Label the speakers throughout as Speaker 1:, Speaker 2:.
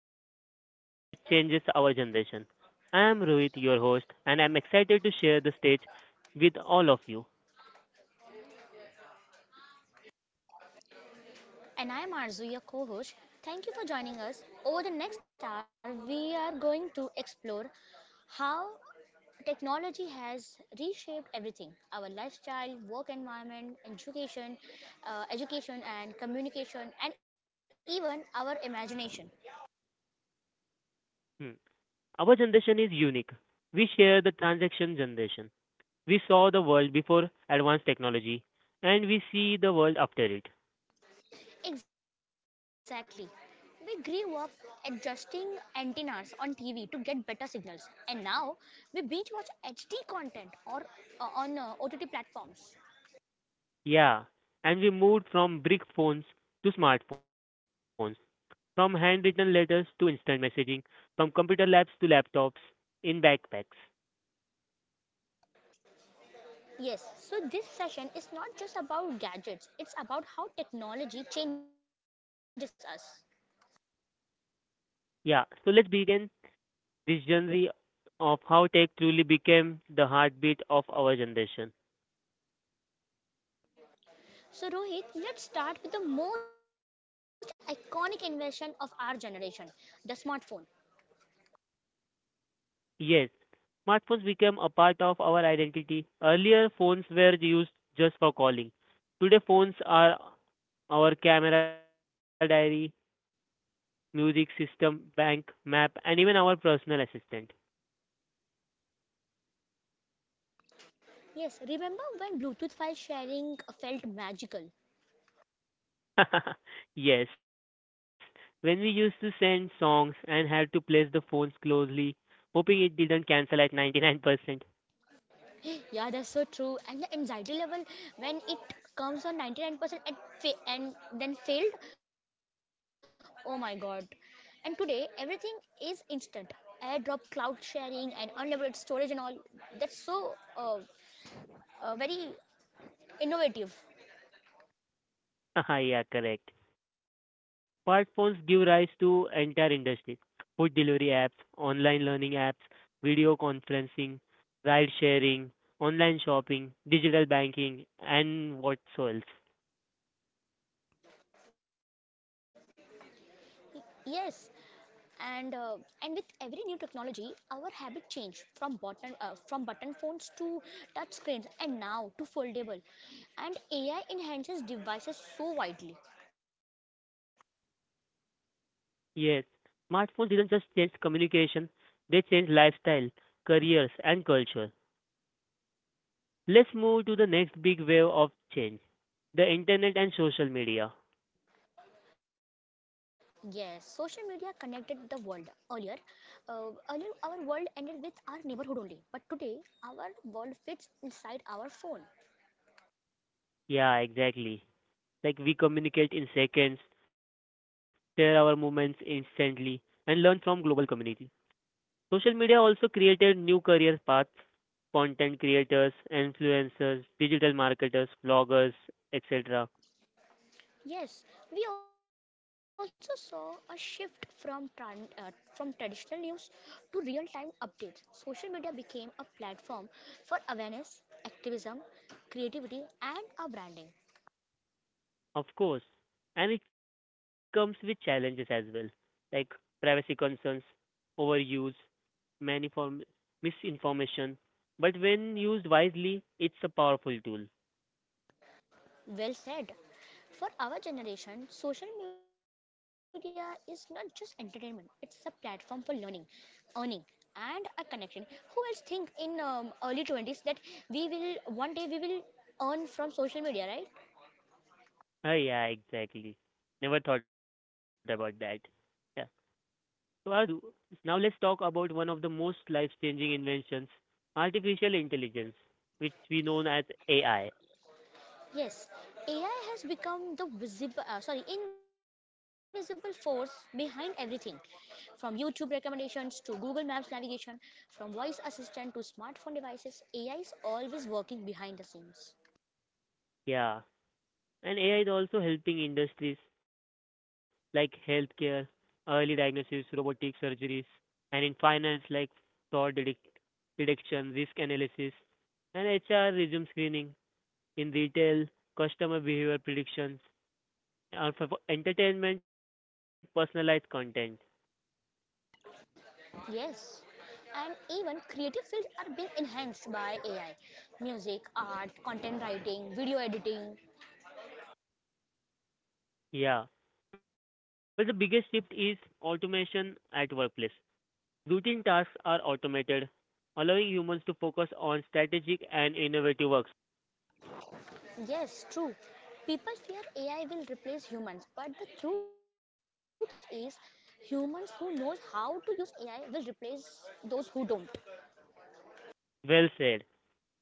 Speaker 1: talk on Tech That Changes Our Generation. I am Rohit, your host, and I'm excited to share the stage with all of you.
Speaker 2: And I'm Arzu, your co host. Thank you for joining us. Over the next hour, we are going to explore how technology has reshaped everything our lifestyle, work environment, education and communication, and even our imagination.
Speaker 1: Hmm. Our generation is unique. We share the transaction generation. We saw the world before advanced technology, and we see the world after it.
Speaker 2: Exactly. We grew up adjusting antennas on TV to get better signals, and now we binge watch HD content or on OTT platforms.
Speaker 1: Yeah, and we moved from brick phones to smartphones, from handwritten letters to instant messaging, from computer labs to laptops in backpacks.
Speaker 2: Yes, so this session is not just about gadgets, it's about how technology changes us.
Speaker 1: Yeah, so let's begin this journey of how tech truly became the heartbeat of our generation.
Speaker 2: So, Rohit, let's start with the most iconic invention of our generation the smartphone.
Speaker 1: Yes, smartphones became a part of our identity. Earlier, phones were used just for calling. Today, phones are our camera diary, music system, bank, map, and even our personal assistant.
Speaker 2: Yes, remember when Bluetooth file sharing felt magical?
Speaker 1: Yes, when we used to send songs and had to place the phones closely, hoping it didn't cancel at 99%.
Speaker 2: Yeah, that's so true. And the anxiety level when it comes on 99% and then failed? Oh my god. And today, everything is instant. AirDrop, cloud sharing, and unlimited storage, and all. That's very innovative.
Speaker 1: Yeah, correct. Smartphones give rise to entire industries, food delivery apps, online learning apps, video conferencing, ride sharing, online shopping, digital banking, and what so else.
Speaker 2: Yes, and uh, and with every new technology, our habit change from button phones to touch screens, and now to foldable. And AI enhances devices so widely.
Speaker 1: Yes, smartphones didn't just change communication, they changed lifestyle, careers, and culture. Let's move to the next big wave of change, the internet and social media.
Speaker 2: Yes, social media connected the world. Uh, earlier, our world ended with our neighborhood only, but today our world fits inside our phone.
Speaker 1: Yeah, exactly. Like we communicate in seconds, share our moments instantly, and learn from global community. Social media also created new career paths, content creators, influencers, digital marketers, bloggers, etc.
Speaker 2: Yes, we also saw a shift from traditional news to real-time updates. Social media became a platform for awareness, activism, creativity, and our branding.
Speaker 1: Of course, and it comes with challenges as well, like privacy concerns, overuse, maniform misinformation. But when used wisely, it's a powerful tool.
Speaker 2: Well said. For our generation, social media is not just entertainment; it's a platform for learning, earning, and a connection. Who else think in early 20s that we will one day we will earn from social media, right?
Speaker 1: Ah, yeah, exactly. Never thought about that. Yeah. So, Azu, now let's talk about one of the most life changing inventions, artificial intelligence, which we know as AI.
Speaker 2: Yes, AI has become the invisible force behind everything, from YouTube recommendations to Google Maps navigation, from voice assistant to smartphone devices. AI is always working behind the scenes.
Speaker 1: Yeah, and AI is also helping industries like healthcare, early diagnosis, robotic surgeries, and in finance, like fraud detec- detection, risk analysis, and HR resume screening, in retail, customer behavior predictions, and for entertainment, personalized content.
Speaker 2: Yes, and even creative fields are being enhanced by AI. Music, art, content writing, video editing.
Speaker 1: Yeah, but the biggest shift is automation at workplace. Routine tasks are automated, allowing humans to focus on strategic and innovative works.
Speaker 2: Yes, true. People fear AI will replace humans, but the truth is humans who knows how to use AI will replace those who don't.
Speaker 1: Well said.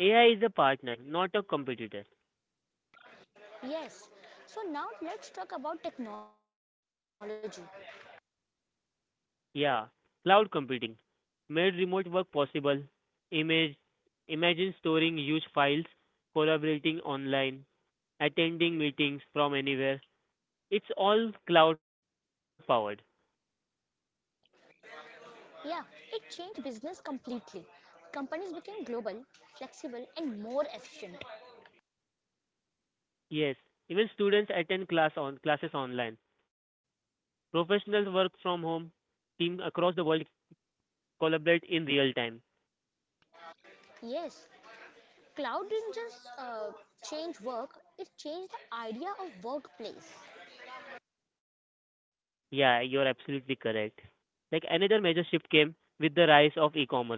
Speaker 1: AI is a partner, not a competitor.
Speaker 2: Yes. So now let's talk about technology.
Speaker 1: Yeah, cloud computing made remote work possible. Image, Imagine storing huge files, collaborating online, attending meetings from anywhere. It's all cloud powered.
Speaker 2: Yeah, it changed business completely. Companies became global, flexible and more efficient.
Speaker 1: Yes, even students attend class on classes online. Professionals work from home. Team across the world collaborate in real time.
Speaker 2: Yes, cloud didn't just change work, it changed the idea of workplace.
Speaker 1: Yeah, you're absolutely correct. Like another major shift came with the rise of e-commerce.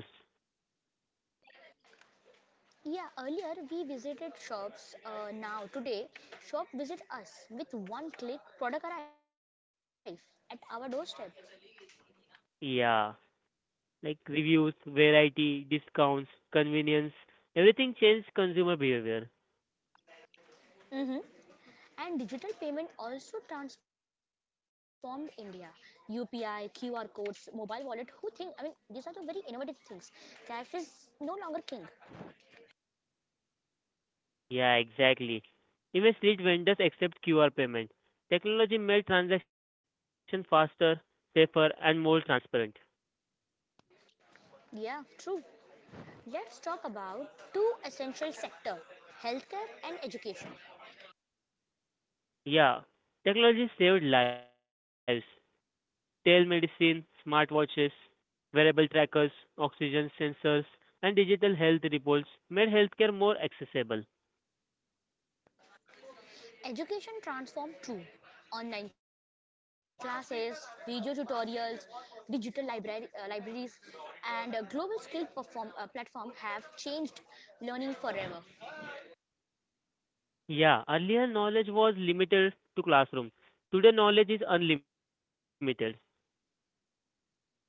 Speaker 2: Yeah, earlier we visited shops. Now today, shop visit us with one click. Product arrive at our doorstep.
Speaker 1: Yeah, like reviews, variety, discounts, convenience, everything changed consumer behavior.
Speaker 2: Hmm. And digital payment also transformed India. UPI, QR codes, mobile wallet. Who think? I mean, these are the very innovative things. Cash is no longer king.
Speaker 1: Yeah, exactly. Even street vendors accept QR payment. Technology made transactions faster, safer, and more transparent.
Speaker 2: Yeah, true. Let's talk about two essential sector, healthcare and education.
Speaker 1: Yeah, technology saved lives. Telemedicine, smartwatches, wearable trackers, oxygen sensors, and digital health reports made healthcare more accessible.
Speaker 2: Education transformed too. Online classes, video tutorials, libraries, and global skill platform have changed learning forever.
Speaker 1: Yeah, earlier knowledge was limited to classroom. Today knowledge is unlimited.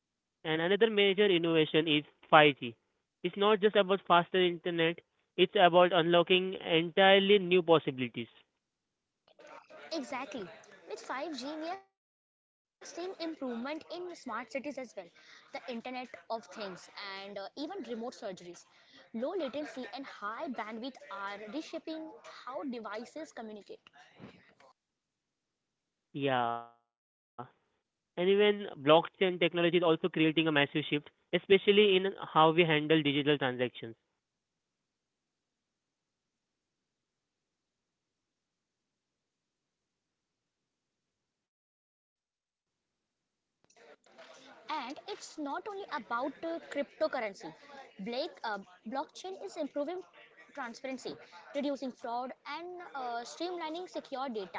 Speaker 1: And another major innovation is 5G. It's not just about faster internet, it's about unlocking entirely new possibilities.
Speaker 2: Exactly. With 5G, we are seeing improvement in smart cities as well, the Internet of Things, and even remote surgeries. Low latency and high bandwidth are reshaping how devices communicate.
Speaker 1: Yeah, and even blockchain technology is also creating a massive shift, especially in how we handle digital transactions.
Speaker 2: And it's not only about cryptocurrency. Blake, uh, Blockchain is improving transparency, reducing fraud, and streamlining secure data,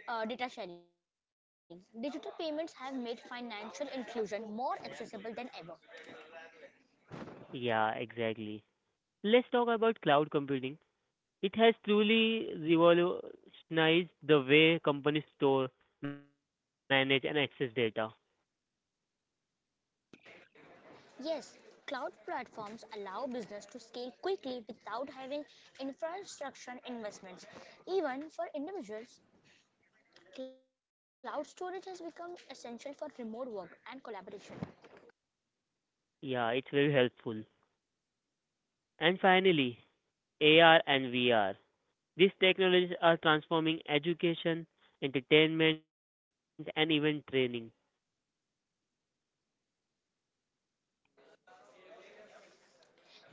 Speaker 2: uh, data sharing. Digital payments have made financial inclusion more accessible than ever.
Speaker 1: Yeah, exactly. Let's talk about cloud computing. It has truly revolutionized the way companies store, manage, and access data.
Speaker 2: Yes, cloud platforms allow business to scale quickly without having infrastructure investments. Even for individuals, cloud storage has become essential for remote work and collaboration.
Speaker 1: Yeah, it's very helpful. And finally, AR and VR. These technologies are transforming education, entertainment, and even training.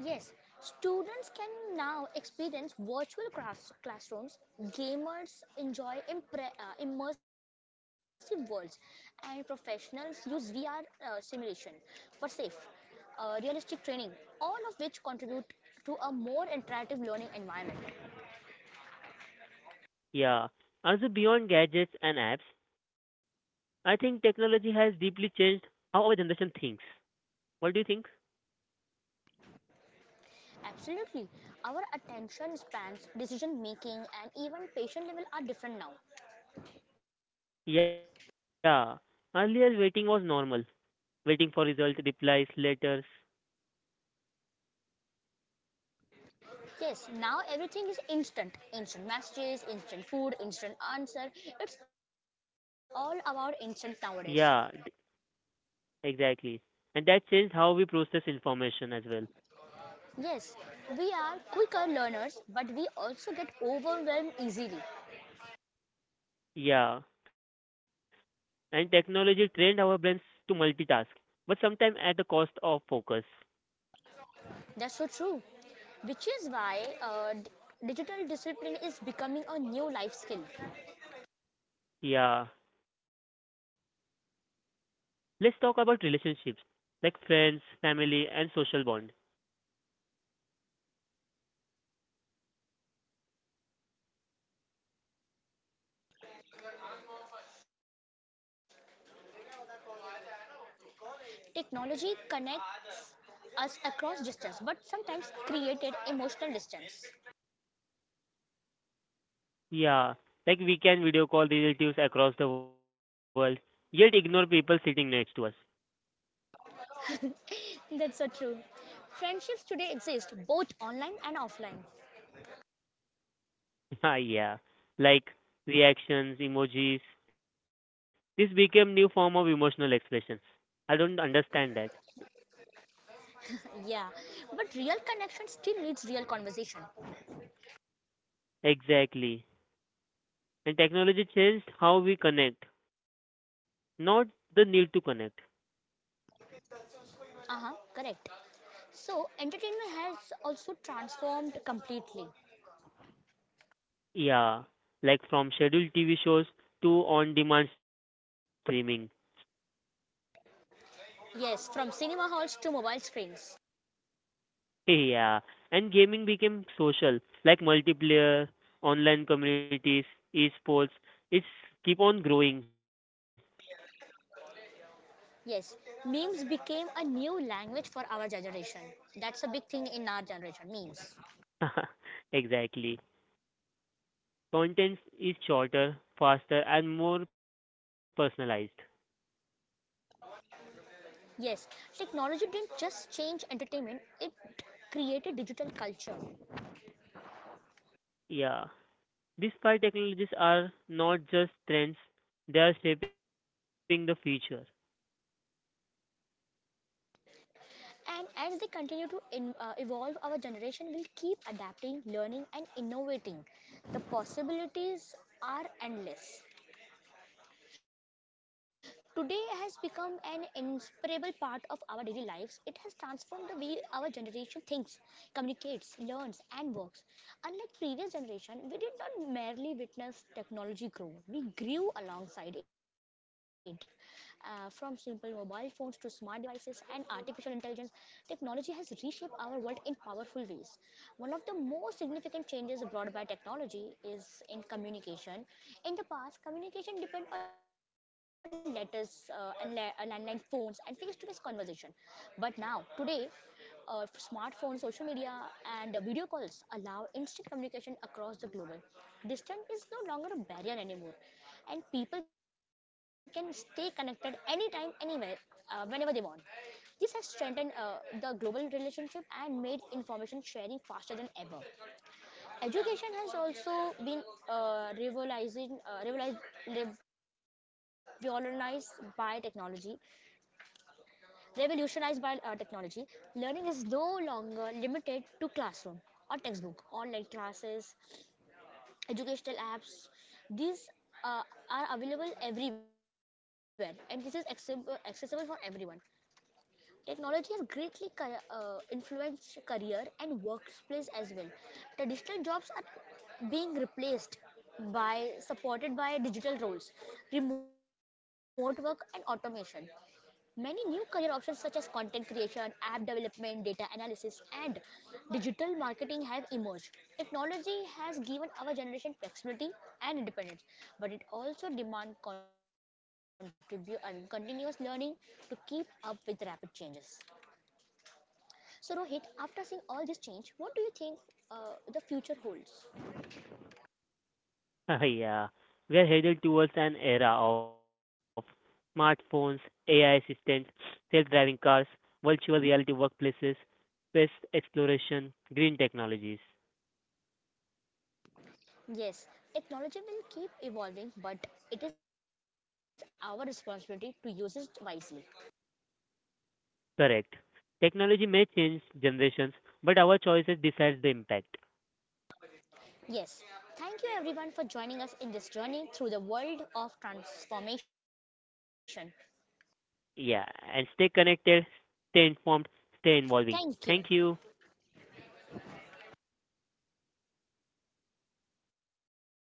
Speaker 2: Yes, students can now experience classrooms, gamers enjoy immersive worlds, and professionals use VR simulation for realistic training, all of which contribute to a more interactive learning environment.
Speaker 1: Yeah. Also, beyond gadgets and apps, I think technology has deeply changed how our generation thinks. What do you think?
Speaker 2: Absolutely, our attention spans, decision making, and even patient level are different now.
Speaker 1: Yeah. Earlier, waiting was normal. Waiting for result, replies, letters.
Speaker 2: Yes, now everything is instant. Instant messages, instant food, instant answer. It's all about instant nowadays.
Speaker 1: Yeah, d- exactly. And that changed how we process information as well.
Speaker 2: Yes, we are quicker learners, but we also get overwhelmed easily.
Speaker 1: Yeah. And technology trained our brains to multitask, but sometimes at the cost of focus.
Speaker 2: That's so true. Which is why digital discipline is becoming a new life skill.
Speaker 1: Yeah. Let's talk about relationships like friends, family, and social bonds.
Speaker 2: Technology connects us across distance, but sometimes created emotional distance.
Speaker 1: Yeah, like we can video call relatives across the world, yet ignore people sitting next to us.
Speaker 2: That's so true. Friendships today exist both online and offline.
Speaker 1: Ah, yeah, like reactions, emojis. This became new form of emotional expressions. I don't understand that.
Speaker 2: Yeah, but real connection still needs real conversation.
Speaker 1: Exactly. And technology changed how we connect, not the need to connect.
Speaker 2: Uh huh, correct. So, entertainment has also transformed completely.
Speaker 1: Yeah, like from scheduled TV shows to on-demand streaming.
Speaker 2: Yes, from cinema halls to mobile screens.
Speaker 1: Yeah, and gaming became social, like multiplayer, online communities, esports. It's keep on growing.
Speaker 2: Yes, memes became a new language for our generation. That's a big thing in our generation, memes.
Speaker 1: Exactly. Content is shorter, faster, and more personalized.
Speaker 2: Yes, technology didn't just change entertainment, it created digital culture.
Speaker 1: Yeah. These five technologies are not just trends, they are shaping the future.
Speaker 2: And as they continue to evolve, our generation will keep adapting, learning, and innovating. The possibilities are endless. Today has become an inseparable part of our daily lives. It has transformed the way our generation thinks, communicates, learns, and works. Unlike previous generation, we did not merely witness technology grow; we grew alongside it. From simple mobile phones to smart devices and artificial intelligence, technology has reshaped our world in powerful ways. One of the most significant changes brought by technology is in communication. In the past, communication depended on letters and landline phones and face to face conversation. But now, today, smartphones, social media, and video calls allow instant communication across the global. Distance is no longer a barrier anymore, and people can stay connected anytime, anywhere, whenever they want. This has strengthened the global relationship and made information sharing faster than ever. Education has also been uh, revolutionized, revolutionized by technology. Revolutionized by uh, technology, Learning is no longer limited to classroom or textbook. Online classes, educational apps, these uh, are available everywhere, and this is accessible for everyone. Technology has greatly influenced career and workplace as well. Traditional jobs are being replaced by supported by digital roles, remote work, and automation. Many new career options such as content creation, app development, data analysis, and digital marketing have emerged. Technology has given our generation flexibility and independence, but it also demands continuous learning to keep up with rapid changes. So, Rohit, after seeing all this change, what do you think the future holds?
Speaker 1: Yeah, we are headed towards an era of smartphones, AI assistants, self-driving cars, virtual reality workplaces, space exploration, green technologies.
Speaker 2: Yes, technology will keep evolving, but it is our responsibility to use it wisely.
Speaker 1: Correct. Technology may change generations, but our choices decide the impact.
Speaker 2: Yes, thank you everyone for joining us in this journey through the world of transformation.
Speaker 1: Yeah, and stay connected, stay informed, stay involving.
Speaker 2: Thank you.
Speaker 1: Thank you.